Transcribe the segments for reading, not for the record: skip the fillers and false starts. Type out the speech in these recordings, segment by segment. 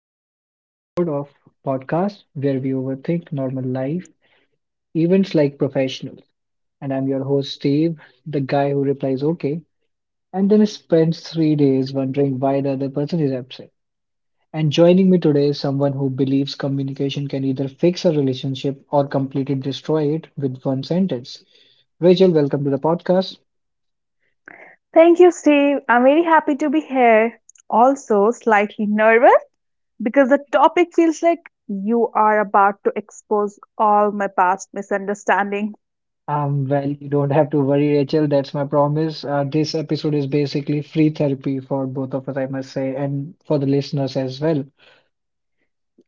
to the another episode of podcast where we overthink normal life events like professionals. And I'm your host Steve, the guy who replies okay and then spends 3 days wondering why the other person is upset. And joining me today is someone who believes communication can either fix a relationship or completely destroy it with one sentence. Rachel, welcome to the podcast. Thank you, Steve. I'm very happy to be here. Also, slightly nervous because the topic feels like you are about to expose all my past misunderstanding. Well, you don't have to worry, Rachel. That's my promise. This episode is basically free therapy for both of us, I must say, and for the listeners as well.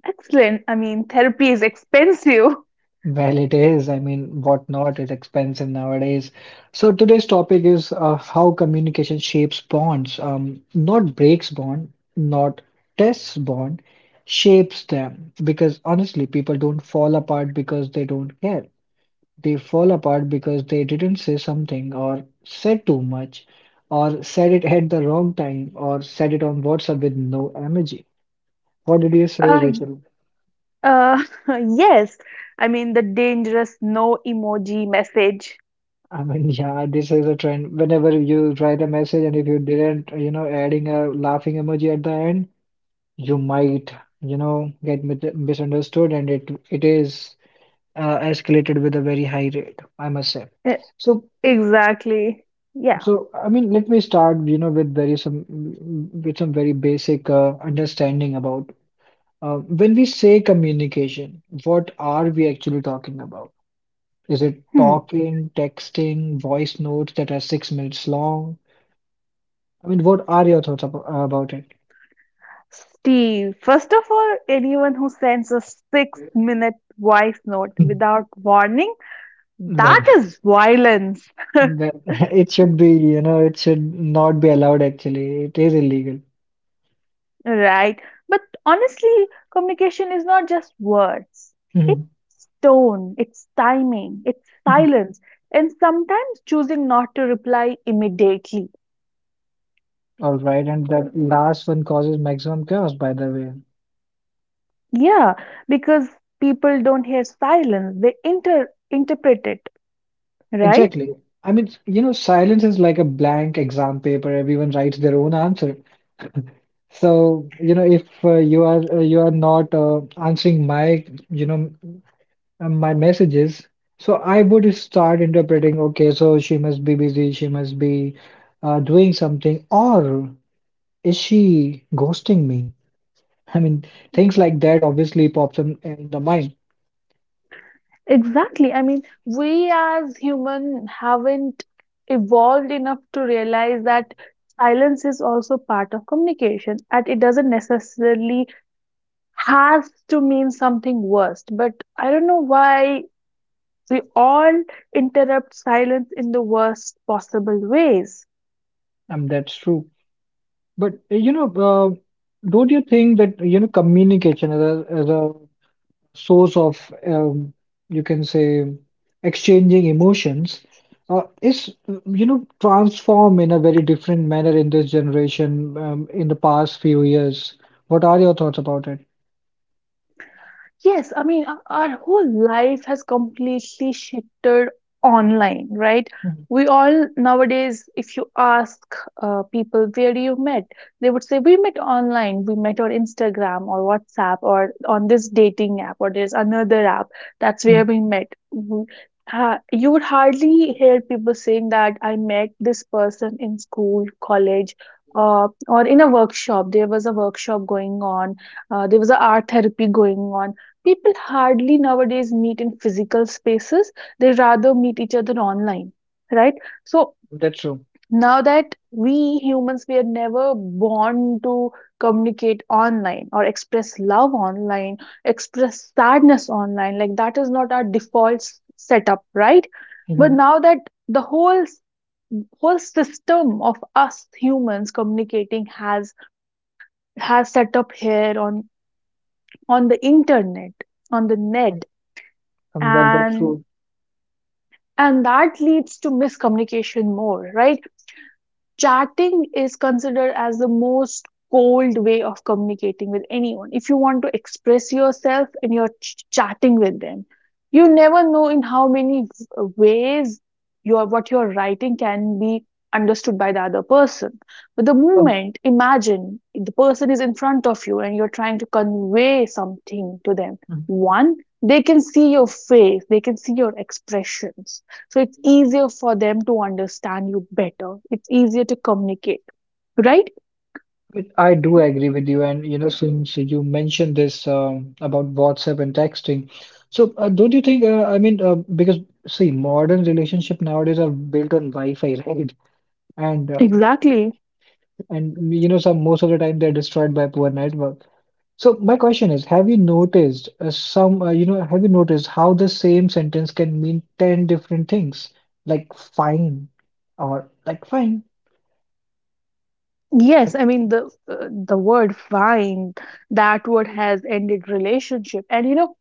Excellent. I mean, therapy is expensive. Well, it is. I mean, what not? It's expensive nowadays. So today's topic is how communication shapes bonds. Not breaks bond, not tests bond, shapes them. Because honestly, people don't fall apart because they don't care. They fall apart because they didn't say something, or said too much, or said it at the wrong time, or said it on WhatsApp with no emoji. What did you say, Uh, Rachel? uh, yes. I mean, the dangerous no emoji message. I mean, yeah, this is a trend. Whenever you write a message and if you didn't, adding a laughing emoji at the end, you might, get misunderstood, and it is escalated with a very high rate, I must say. E- So Exactly. Yeah. So, I mean, let me start, you know, with some very basic understanding about when we say communication, what are we actually talking about? Is it Hmm. talking, texting, voice notes that are 6 minutes long? I mean, what are your thoughts ab about it? Steve, first of all, anyone who sends a 6 minute voice note without warning, Well, that is violence, well, it should be, you know, it should not be allowed actually. It is illegal. right? But honestly, communication is not just words. Mhm. It's tone, it's timing, it's Mhm. silence, and sometimes choosing not to reply immediately. All right, and that last one causes maximum chaos, by the way. Yeah, because people don't hear silence, they interpret it, right? Exactly. I mean, you know, silence is like a blank exam paper. Everyone writes their own answer. So, you know, if you are not answering my, my messages, so I would start interpreting, okay, so she must be busy, she must be doing something, or is she ghosting me? I mean, things like that obviously pops in the mind. Exactly. I mean, we as human haven't evolved enough to realize that silence is also part of communication and it doesn't necessarily has to mean something worst. But I don't know why we all interrupt silence in the worst possible ways. That's true. But, don't you think that, you know, communication as as a source of, you can say, exchanging emotions, is, you know, transform in a very different manner in this generation, in the past few years. What are your thoughts about it? Yes, I mean, our whole life has completely shifted online, right? Mhm. We all nowadays, if you ask people where do you met, they would say we met online. We met on Instagram or WhatsApp or on this dating app or there's another app. That's where Mhm. we met. You would hardly hear people saying that I met this person in school, college, or in a workshop. There was a workshop going on. There was an art therapy going on. People hardly nowadays meet in physical spaces, they rather meet each other online, right? So That's true. now that we humans, we are never born to communicate online or express love online, express sadness online, like that is not our default setup, right? But Mhm. now that the whole system of us humans communicating has set up here on the internet, on the um, net, well, that's and true. and that leads to miscommunication more, right? Chatting is considered as the most cold way of communicating with anyone. If you want to express yourself and you're chatting with them, you never know in how many ways your, what you're writing can be understood by the other person. But the Um, moment, imagine the person is in front of you and you're trying to convey something to them, mhm. one, they can see your face, they can see your expressions, so it's easier for them to understand you better. It's easier to communicate, right? I do agree with you, and you know, since you mentioned this about WhatsApp and texting, so don't you think? I mean, because see, modern relationship nowadays are built on Wi-Fi, right? And Exactly. You know some most of the time they're destroyed by poor network. So my question is, have you noticed some you know, have you noticed how the same sentence can mean 10 different things, like fine or like fine? I Yes, I mean the word fine, that word has ended relationship. And you know,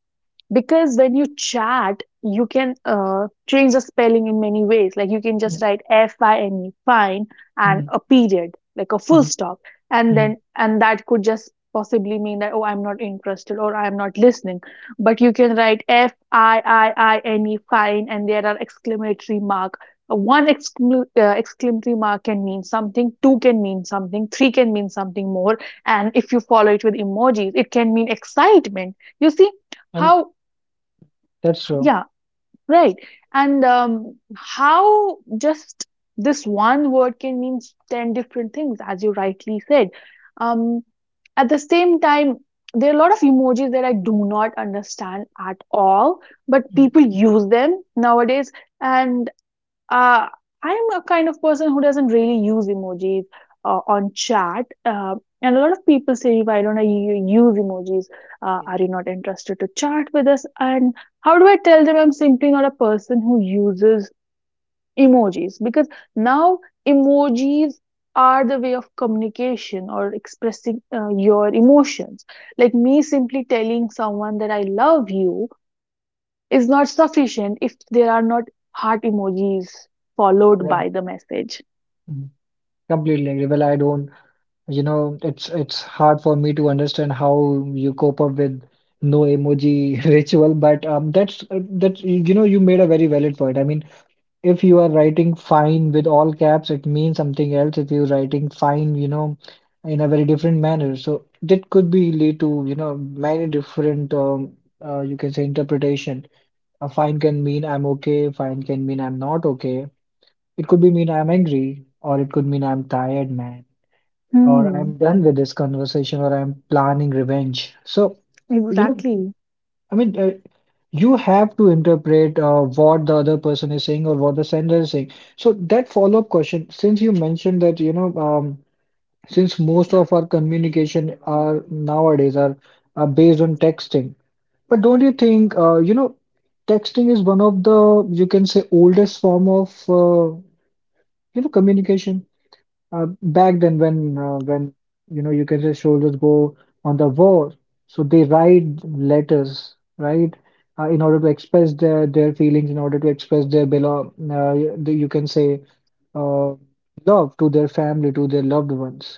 because when you chat you can change the spelling in many ways, like you can just mean, write FINE fine and mm, a period, like a mm, full mm. stop, and Mm. then and that could just possibly mean that oh I'm not interested or I'm not listening. But you can write FIIINE fine and there are exclamatory mark. One exclamatory mark can mean something, two can mean something, three can mean something more. And if you follow it with emojis it can mean excitement. You see I how? mean, that's true. Yeah, right. And how just this one word can mean 10 different things, as you rightly said. Um, at the same time, there are a lot of emojis that I do not understand at all, but Mm, people use them nowadays. And uh, I'm a kind of person who doesn't really use emojis on chat. And a lot of people say, why don't I use emojis? Are mm, you not interested to chat with us? And how do I tell them I'm simply not a person who uses emojis? Because now emojis are the way of communication or expressing your emotions. Like me simply telling someone that I love you is not sufficient if there are not heart emojis followed right. by the message. Mm. Completely agree. Well, I don't, you know, it's hard for me to understand how you cope up with no emoji ritual, but that's that's, you know, you made a very valid point. I mean, if you are writing fine with all caps, it means something else. If you're writing fine, you know, in a very different manner, so that could be lead to, you know, many different, you can say, interpretation. A fine can mean I'm okay. Fine can mean I'm not okay. It could be mean I'm angry, or it could mean I'm tired, man, or Hmm, I'm done with this conversation, or I'm planning revenge. So, you know, exactly. I mean, you have to interpret what the other person is saying or what the sender is saying. So that follow-up question, since you mentioned that, since most of our communication are nowadays are based on texting, but don't you think, texting is one of the, you can say, oldest form of, communication? Back then when you know, you can say, soldiers go on the war, so they write letters, right? In order to express their feelings, in order to express their below you can say uh, love to their family, to their loved ones.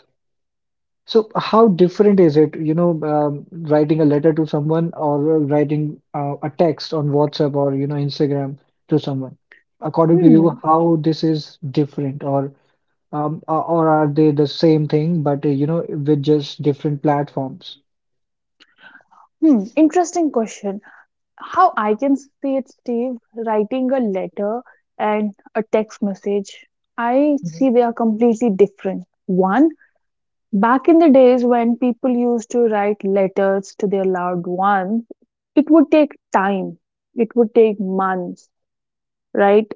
So how different is it, writing a letter to someone or writing a text on WhatsApp or you know, Instagram, to someone? According to you, Hmm. how this is different or are they the same thing, but you know, with just different platforms? Hmm. Interesting question. How I can say it, Steve, writing a letter and a text message, I Mhm. see they are completely different. One, back in the days when people used to write letters to their loved ones, it would take time, it would take months, right?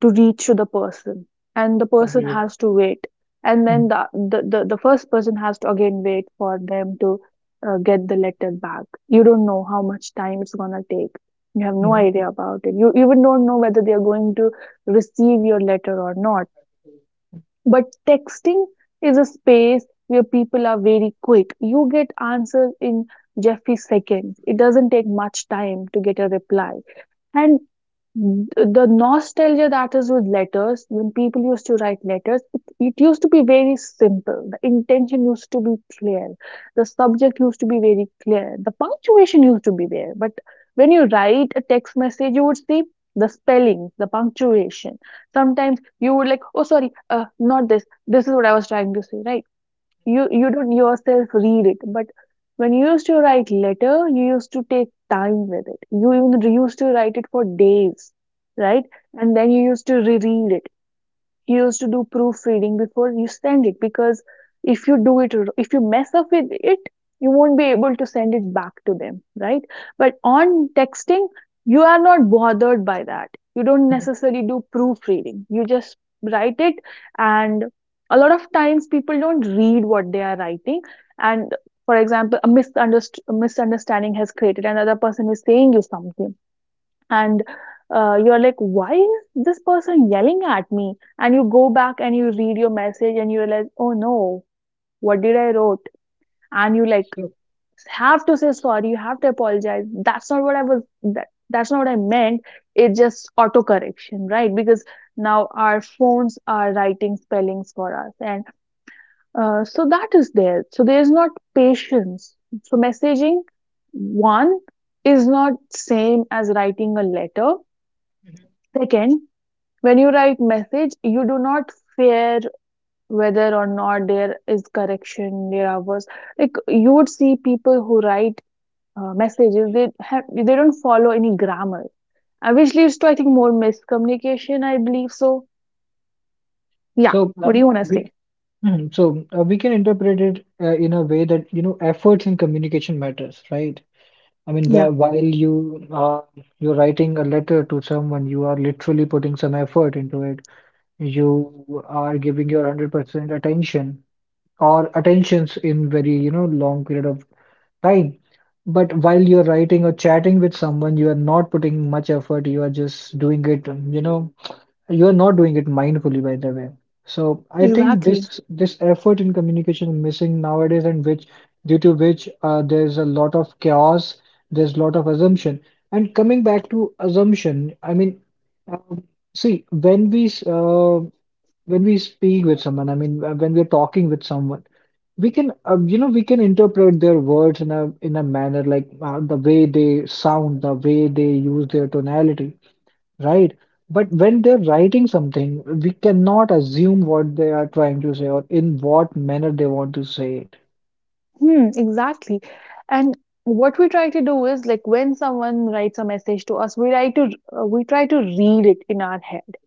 To reach to the person, and the person Completely. has to wait, and then Mhm. the first person has to again wait for them to get the letter back. You don't know how much time it's going to take, you have no Mhm. idea about it, you even don't know whether they are going to receive your letter or not. But texting is a space where people are very quick. You get answers in jeffy seconds, it doesn't take much time to get a reply. And Mm, the nostalgia that is with letters, when people used to write letters, it used to be very simple. The intention used to be clear. The subject used to be very clear. The punctuation used to be there. But when you write a text message, you would see the spelling, the punctuation. Sometimes you would like, oh, sorry, not this. This is what I was trying to say, right? You don't yourself read it, but when you used to write letter, you used to take time with it. You even used to write it for days, right? And then you used to reread it, used to do proofreading before you send it, because if you do it, if you mess up with it, you won't be able to send it back to them, right? But on texting you are not bothered by that. You don't Mhm. necessarily do proofreading, you just write it. And a lot of times people don't read what they are writing. And for example, a a misunderstanding has created, another person is saying you something, and you're like, why is this person yelling at me? And you go back and you read your message and you realize, oh no, what did I wrote? And you like So, have to say sorry, you have to apologize. That's not what I was, that's not what I meant. It's just auto correction, right? Because now our phones are writing spellings for us. And so that is there, so there's not patience. So messaging, one, is not same as writing a letter. mm-hmm. Second, when you write message you do not fear whether or not there is correction, there are was, like you would see people who write messages, they have, they don't follow any grammar, which leads to, I think, more miscommunication, I believe so. Yeah, So what do you want to we say? mhm, so we can interpret it in a way that, you know, efforts and communication matters, right? I mean, Yeah, wh while you you're writing a letter to someone, you are literally putting some effort into it. You are giving your 100% attention or attentions in very, you know, long period of. Right. But while you're writing or chatting with someone, you are not putting much effort. You are just doing it, you know, you are not doing it mindfully, by the way. So I think exactly. this effort in communication is missing nowadays, and which due to which there's a lot of chaos, there's a lot of assumption. And coming back to assumption, I mean, um, see, when when we speak with someone, I mean, when we're talking with someone, we can, we can interpret their words in a manner like the way they sound, the way they use their tonality. Right. But when they're writing something, we cannot assume what they are trying to say or in what manner they want to say it. Hmm, exactly. And what we try to do is, like, when someone writes a message to us we try to, we try to read it in our head,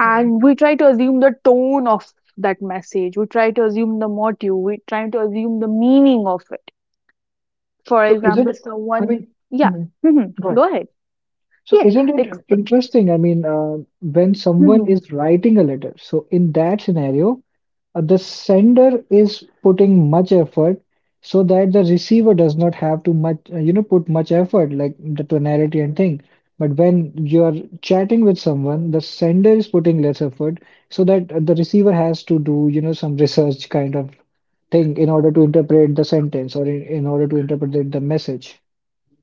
and we try to assume the tone of that message, we try to assume the motive, we try to assume the meaning of it. For So isn't, example, I someone, mean, yeah, Mhm, hmm, go ahead. go ahead. So Yeah, isn't like, it interesting? I mean, when someone hmm, is writing a letter, so in that scenario, the sender is putting much effort so that the receiver does not have to much put much effort, like the tonality and thing. But when you're chatting with someone, the sender is putting less effort, so that the receiver has to do, you know, some research kind of thing in order to interpret the sentence, or in order to interpret the message.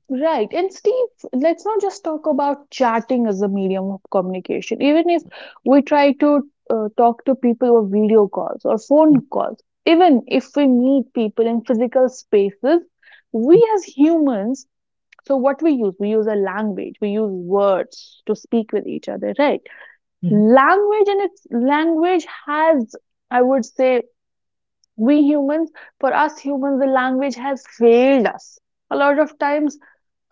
right. And Steve, let's not just talk about chatting as a medium of communication. Even if we try to talk to people over video calls or phone calls, even if we meet people in physical spaces, we as humans, so what we use a language, we use words to speak with each other, right? Mhm. Language and its language has, I would say, we humans, for us humans, the language has failed us. A lot of times,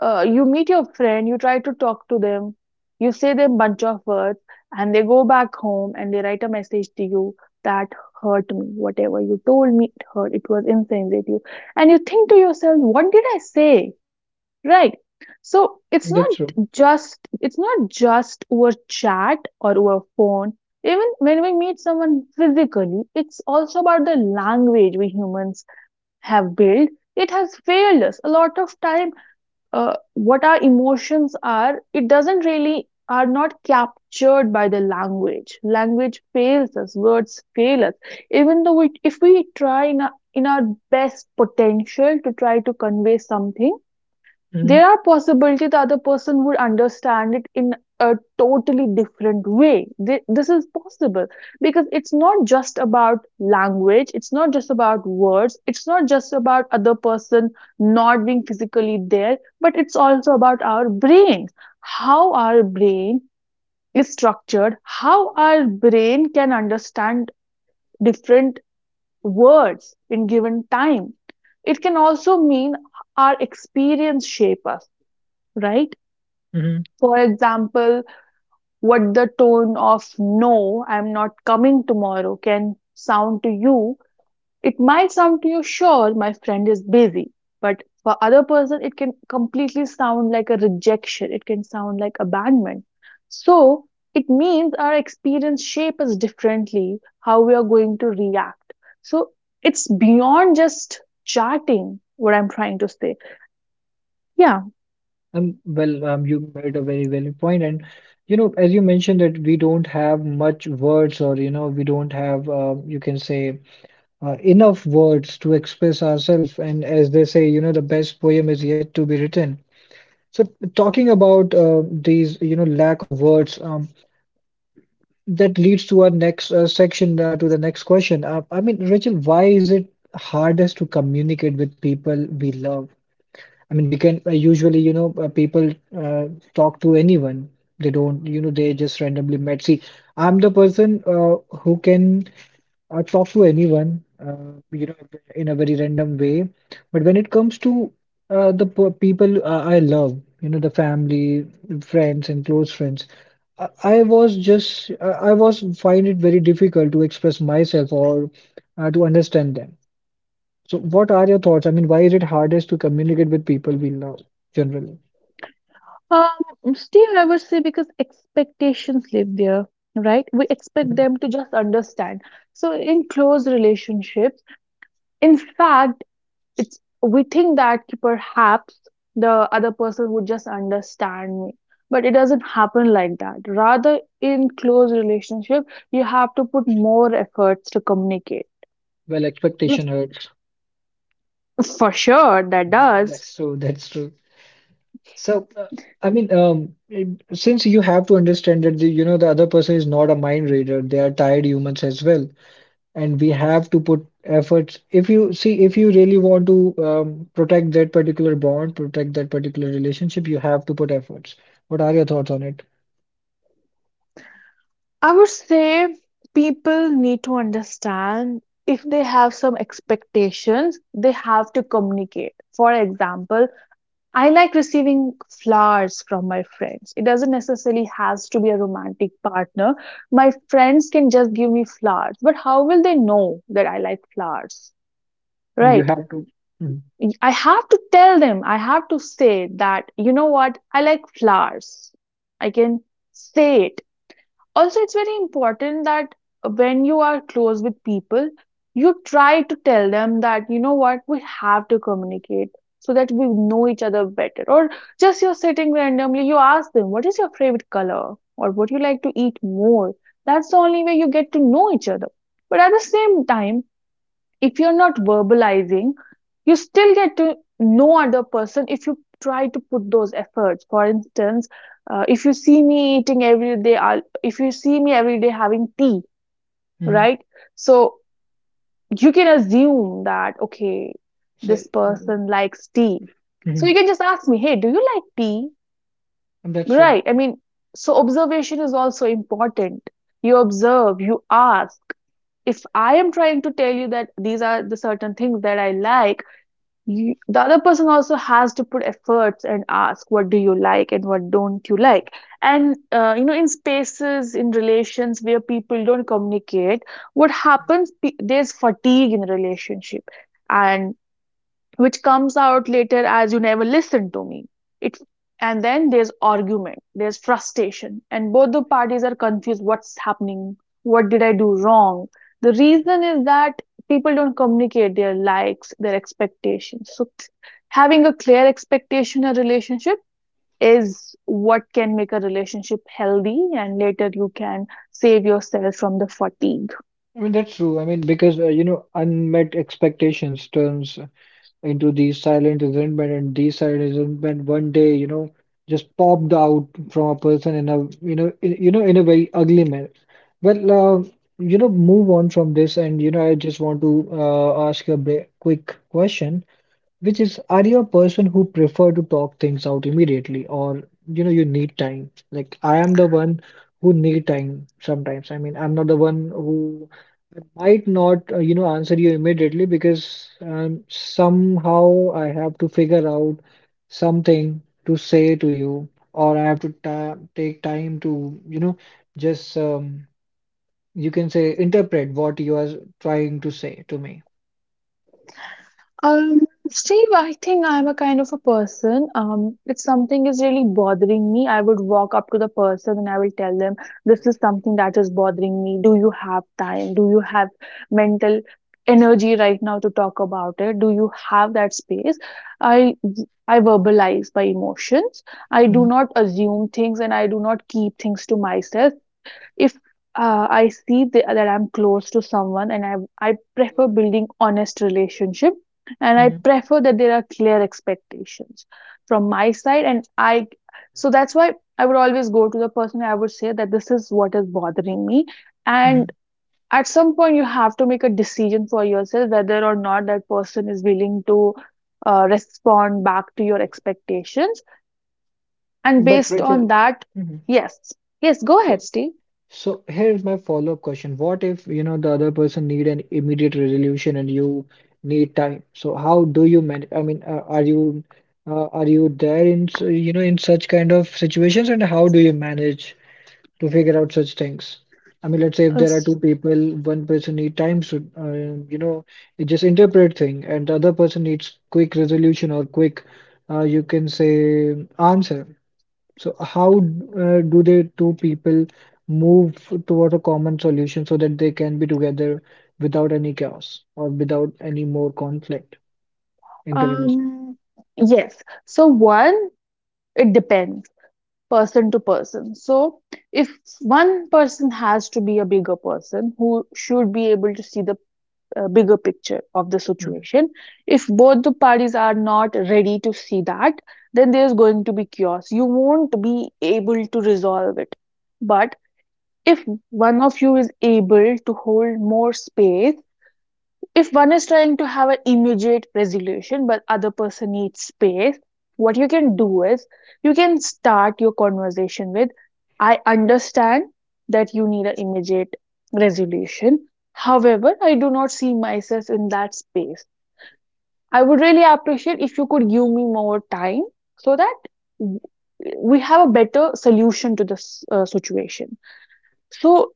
you meet your friend, you try to talk to them, you say them bunch of words, and they go back home and they write a message to you that hurt me. Whatever you told me, it hurt. It was insensitive, and you think to yourself, what did I say? Right. So it's not That's true. just, it's not just over chat or over phone. Even when we meet someone physically, it's also about the language we humans have built. It has failed us a lot of time. What our emotions are, it doesn't really, are not captured by the language. Language fails us. Words fail us. Even though we, if we try in in our best potential to try to convey something, Mhm. there are possibility the other person would understand it in a totally different way. This is possible because it's not just about language, it's not just about words, it's not just about other person not being physically there, but it's also about our brain, how our brain is structured, how our brain can understand different words in given time. It can also mean our experience shape us, right? Mhm. For example, what the tone of no, I'm not coming tomorrow can sound to you. It might sound to you, sure, my friend is busy, but for other person it can completely sound like a rejection. It can sound like abandonment. So it means our experience shape us differently, how we are going to react. So it's beyond just charting what I'm trying to say. Yeah. You made a very valid point, and you know, as you mentioned that we don't have much words, or you know, we don't have, you can say, enough words to express ourselves. And as they say, you know, the best poem is yet to be written. So, talking about these, you know, lack of words, that leads to our next section, to the next question. I mean, Rachel, why is it hardest to communicate with people we love? I mean, we can usually, people uh, talk to anyone. They don't, you know, they just randomly met. See, I'm the person who can talk to anyone, in a very random way. But when it comes to people I love, you know, the family, friends, and close friends, I was just, I was find it very difficult to express myself or to understand them. So, what are your thoughts? I mean, why is it hardest to communicate with people we love generally? Steve, I would say because expectations live there, right? We expect them to just understand. So in close relationships, in fact, it's we think that perhaps the other person would just understand me, but it doesn't happen like that. Rather, in close relationship, you have to put more efforts to communicate. Well, Yes. expectation hurts. For sure, that Mhm. does. That's true. That's true. So, I mean, um, since you have to understand that the, you know, the other person is not a mind reader, they are tired humans as well, and we have to put efforts. If you see, if you really want to um, protect that particular bond, protect that particular relationship, you have to put efforts. What are your thoughts on it? I would say people need to understand if they have some expectations, they have to communicate. For example, I like receiving flowers from my friends. It doesn't necessarily has to be a romantic partner. My friends can just give me flowers, but how will they know that I like flowers? You Right? have to. I have to tell them. I have to say that, you know what? I like flowers. I can say it, also it's very important that when you are close with people you try to tell them that you know what, we have to communicate so that we know each other better. Or just you're sitting randomly, you ask them what is your favorite color or what you like to eat more. That's the only way you get to know each other. But at the same time, if you're not verbalizing, you still get to know other person if you try to put those efforts. For instance, if you see me eating every day if you see me every day having tea, Mm-hmm. right? So you can assume that, okay, So, this mm-hmm. person likes tea. So Mm-hmm. you can just ask me, hey, do you like tea? That's true. Right, I mean, so observation is also important. You observe, you ask. If I am trying to tell you that these are the certain things that I like, you, the other person also has to put efforts and ask, what do you like and what don't you like? And you know, in spaces in relations where people don't communicate, what happens, there's fatigue in relationship, and which comes out later as, you never listened to me. It And then there's argument, there's frustration, and both the parties are confused, what's happening, what did I do wrong? The reason is that people don't communicate their likes, their expectations. Having a clear expectation in a relationship is what can make a relationship healthy, and later you can save yourself from the fatigue. I mean, that's true. I mean, because you know, unmet expectations turns into the silent resentment, and the silent resentment one day, you know, just popped out from a person in a, you know, in a very ugly manner. Well, you know, move on from this, and you know, I just want to ask a quick question. Which is, are you a person who prefer to talk things out immediately, or you know, you need time? Like I am the one who need time sometimes. I mean, I'm not the one who I might not answer you immediately because somehow I have to figure out something to say to you, or I have to ta take time to just you can say interpret what you are trying to say to me. Um, Steve, I think I'm a kind of a person. If something is really bothering me, I would walk up to the person and I will tell them, this is something that is bothering me. Do you have time? Do you have mental energy right now to talk about it? Do you have that space? I I verbalize my emotions. I do Mm-hmm. not assume things and I do not keep things to myself. If I see that I'm close to someone and I prefer building honest relationship, and I Mm-hmm. prefer that there are clear expectations from my side. And I So that's why I would always go to the person, I would say that this is what is bothering me, Mm-hmm. and at some point you have to make a decision for yourself whether or not that person is willing to respond back to your expectations, and But based on Rachel, that. mhm. Yes. Yes, go so ahead, Steve. so here's my follow-up question. What if, you know, the other person need an immediate resolution and you need time? So how do you manage? I mean, are you there in you know in such kind of situations and how do you manage to figure out such things? I mean, let's say if there are two people, one person need time to you know just interpret thing, and the other person needs quick resolution or quick you can say answer. So how do the two people move toward a common solution so that they can be together without any chaos or without any more conflict in the relation? Um, yes. So one, it depends person to person. So if one person has to be a bigger person who should be able to see the bigger picture of the situation, if both the parties are not ready to see that, then there's going to be chaos. You won't be able to resolve it. But if one of you is able to hold more space, if one is trying to have an immediate resolution but other person needs space, what you can do is you can start your conversation with, I understand that you need an immediate resolution, however I do not see myself in that space, I would really appreciate if you could give me more time so that w- we have a better solution to this situation. So,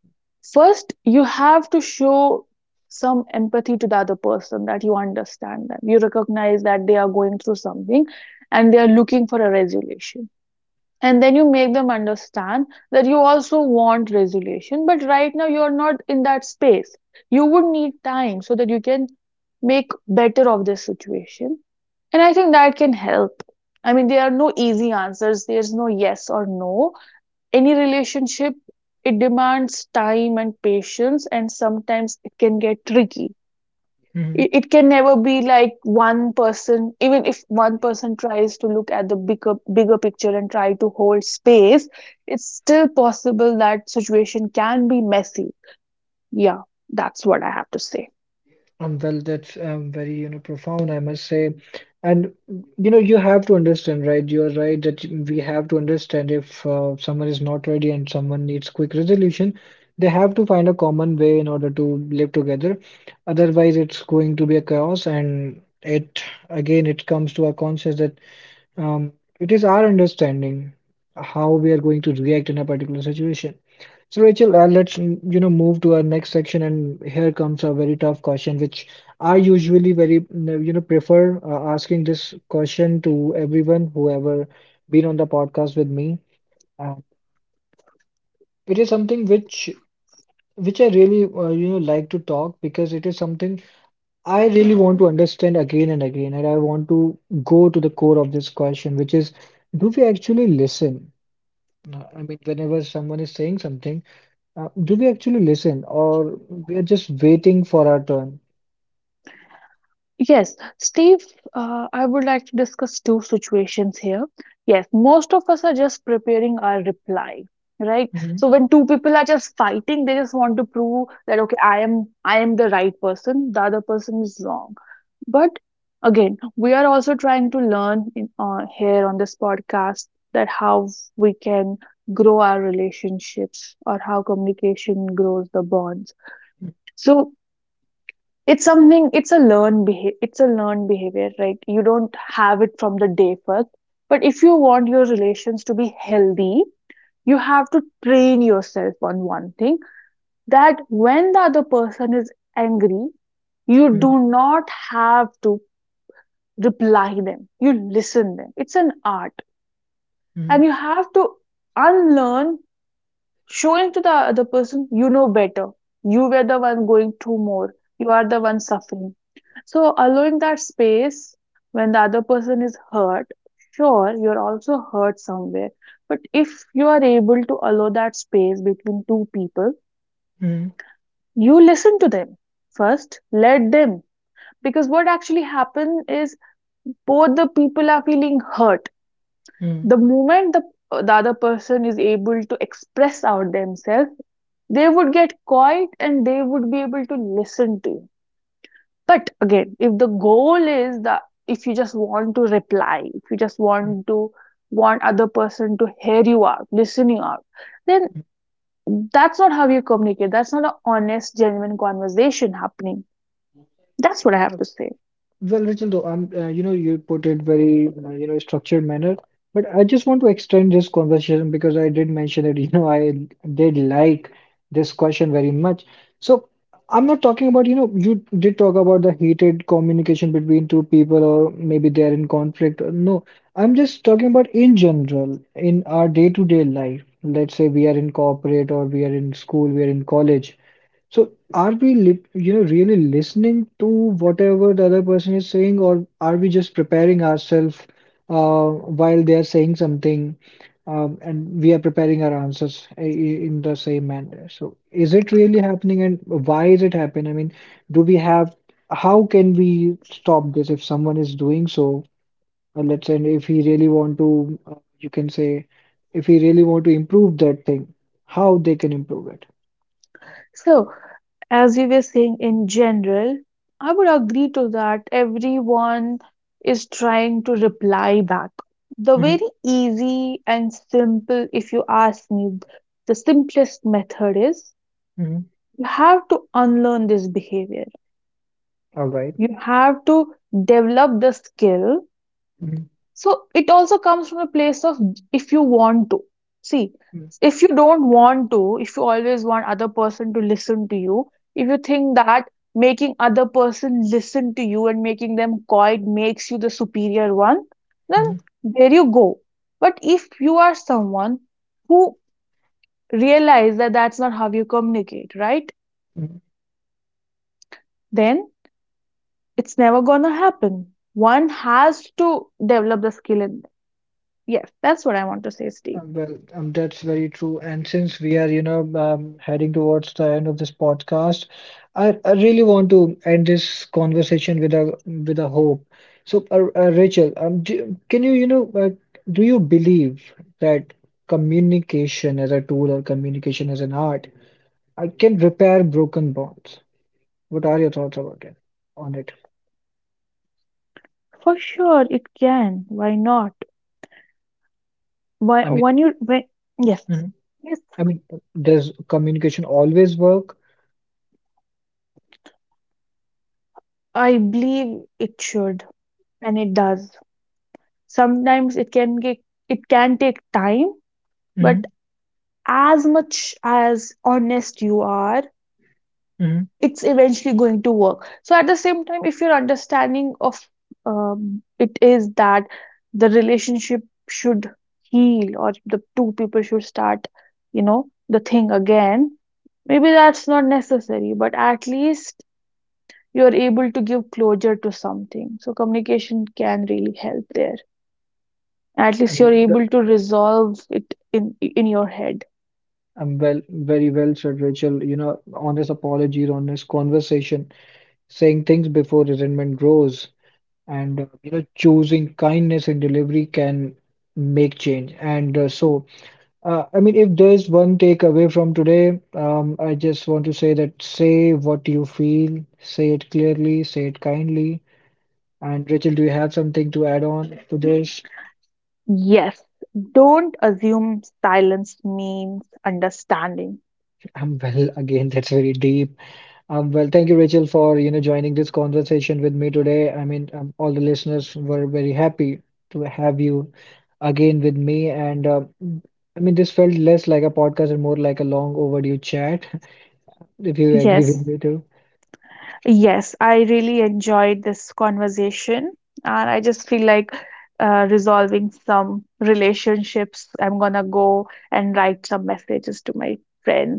first, you have to show some empathy to the other person, that you understand them. You recognize that they are going through something and they are looking for a resolution. And then you make them understand that you also want resolution, but right now you're not in that space. You would need time so that you can make better of this situation. And I think that can help. I mean, there are no easy answers, there's no yes or no. Any relationship, it demands time and patience, and sometimes it can get tricky. Mhm. It can never be like one person. Even if one person tries to look at the bigger picture and try to hold space, it's still possible that situation can be messy. Yeah, that's what I have to say. Well, that's very, you know, profound, I must say. And, you know, you have to understand, right? You're right that we have to understand if someone is not ready and someone needs quick resolution, they have to find a common way in order to live together. Otherwise, it's going to be a chaos. And it, again, it comes to our conscience that um, it is our understanding how we are going to react in a particular situation. So, Rachel, let's you know move to our next section, and here comes a very tough question, which I usually very you know prefer asking this question to everyone who ever been on the podcast with me. And it is something which I really you know like to talk because it is something I really want to understand again and again, and I want to go to the core of this question, which is, do we actually listen? No, I mean, whenever someone is saying something, do we actually listen or we are just waiting for our turn? Yes, Steve, I would like to discuss two situations here. Yes, most of us are just preparing our reply, right? Mhm, So when two people are just fighting, they just want to prove that, okay, I am the right person, the other person is wrong. But again, we are also trying to learn in, here on this podcast, that how we can grow our relationships or how communication grows the bonds. So it's something, it's a it's a learned behavior, right? You don't have it from the day first. But if you want your relations to be healthy, you have to train yourself on one thing, that when the other person is angry, you mhm, do not have to reply them. You listen them. It's an art. And mhm, you have to unlearn showing to the other person you know better, you were the one going through more, you are the one suffering. So allowing that space, when the other person is hurt, sure you're also hurt somewhere, but if you are able to allow that space between two people, mhm, you listen to them, first let them, because what actually happens is both the people are feeling hurt. mhm, The moment the other person is able to express out themselves, they would get quiet and they would be able to listen to you. But again, if the goal is that, if you just want to reply, if you just want to want other person to hear you out, listen you out, then that's not how you communicate. That's not an honest, genuine conversation happening. That's what I have mhm. to say. Well, Rachel, though, you know, you put it very, you know, structured manner, but I just want to extend this conversation because I did mention that, you know, I did like this question very much. So I'm not talking about, you know, you did talk about the heated communication between two people or maybe they're in conflict. No, I'm just talking about in general, in our day-to-day life. Let's say we are in corporate or we are in school, we are in college. So are we li you know really listening to whatever the other person is saying, or are we just preparing ourselves uh, while they are saying something, and we are preparing our answers in the same manner? So is it really happening, and why is it happening? I mean, do we have how can we stop this if someone is doing so? Or let's say if he really want to, you can say if he really want to improve that thing, how they can improve it? So as you were saying in general, I would agree to that. Everyone is trying to reply back. The very Mhm, easy and simple, if you ask me, the simplest method is, mhm. you have to unlearn this behavior. All You have to develop the skill. mhm, So it also comes from a place of, if you want to. See, mhm, if you don't want to, if you always want other person to listen to you, if you think that making other person listen to you and making them quiet makes you the superior one, then mhm, there you go. But if you are someone who realize that that's not how you communicate, right? mhm. Then it's never gonna happen. One has to develop the skill in. Yes, that's what I want to say, Steve. Well, that's very true. And since we are, you know, heading towards the end of this podcast, I really want to end this conversation with a hope. So, Rachel, do, can you, you know, do you believe that communication as a tool or communication as an art, can repair broken bonds? What are your thoughts about it? On it? For sure, it can. Why not? I Why, mean, when you, when, yes. mhm. Yes, I mean, does communication always work? I believe it should, and it does. Sometimes it can get, it can take time, Hmm. but as much as honest you are, it's eventually going to work. So at the same time, if your understanding of it is that the relationship should heal, or the two people should start, you know, the thing again, maybe that's not necessary, but at least you're able to give closure to something. So communication can really help there. At I least mean, you're able to resolve it in your head. Well, very well said, Rachel. You know, honest apologies, honest conversation, saying things before resentment grows, and you know, choosing kindness in delivery can make change. And so, I mean, if there's one takeaway from today, I just want to say that say what you feel, say it clearly, say it kindly. And Rachel, do you have something to add on to this? Yes, don't assume silence means understanding. I'm well, again, that's very deep. Well, thank you, Rachel, for you know joining this conversation with me today. I mean, all the listeners were very happy to have you again with me, and I mean, this felt less like a podcast and more like a long overdue chat. If you agree Yes, with me too. yes, I really enjoyed this conversation, and I just feel like resolving some relationships. I'm gonna go and write some messages to my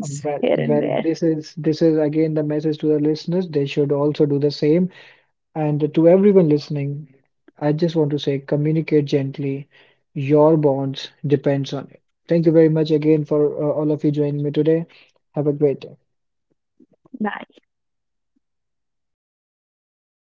Um, Well, here and well, there. This is again the message to the listeners. They should also do the same. And to everyone listening, I just want to say communicate gently. Your bonds depends on it. Thank you very much again for all of you joining me today. Have a great day. Bye.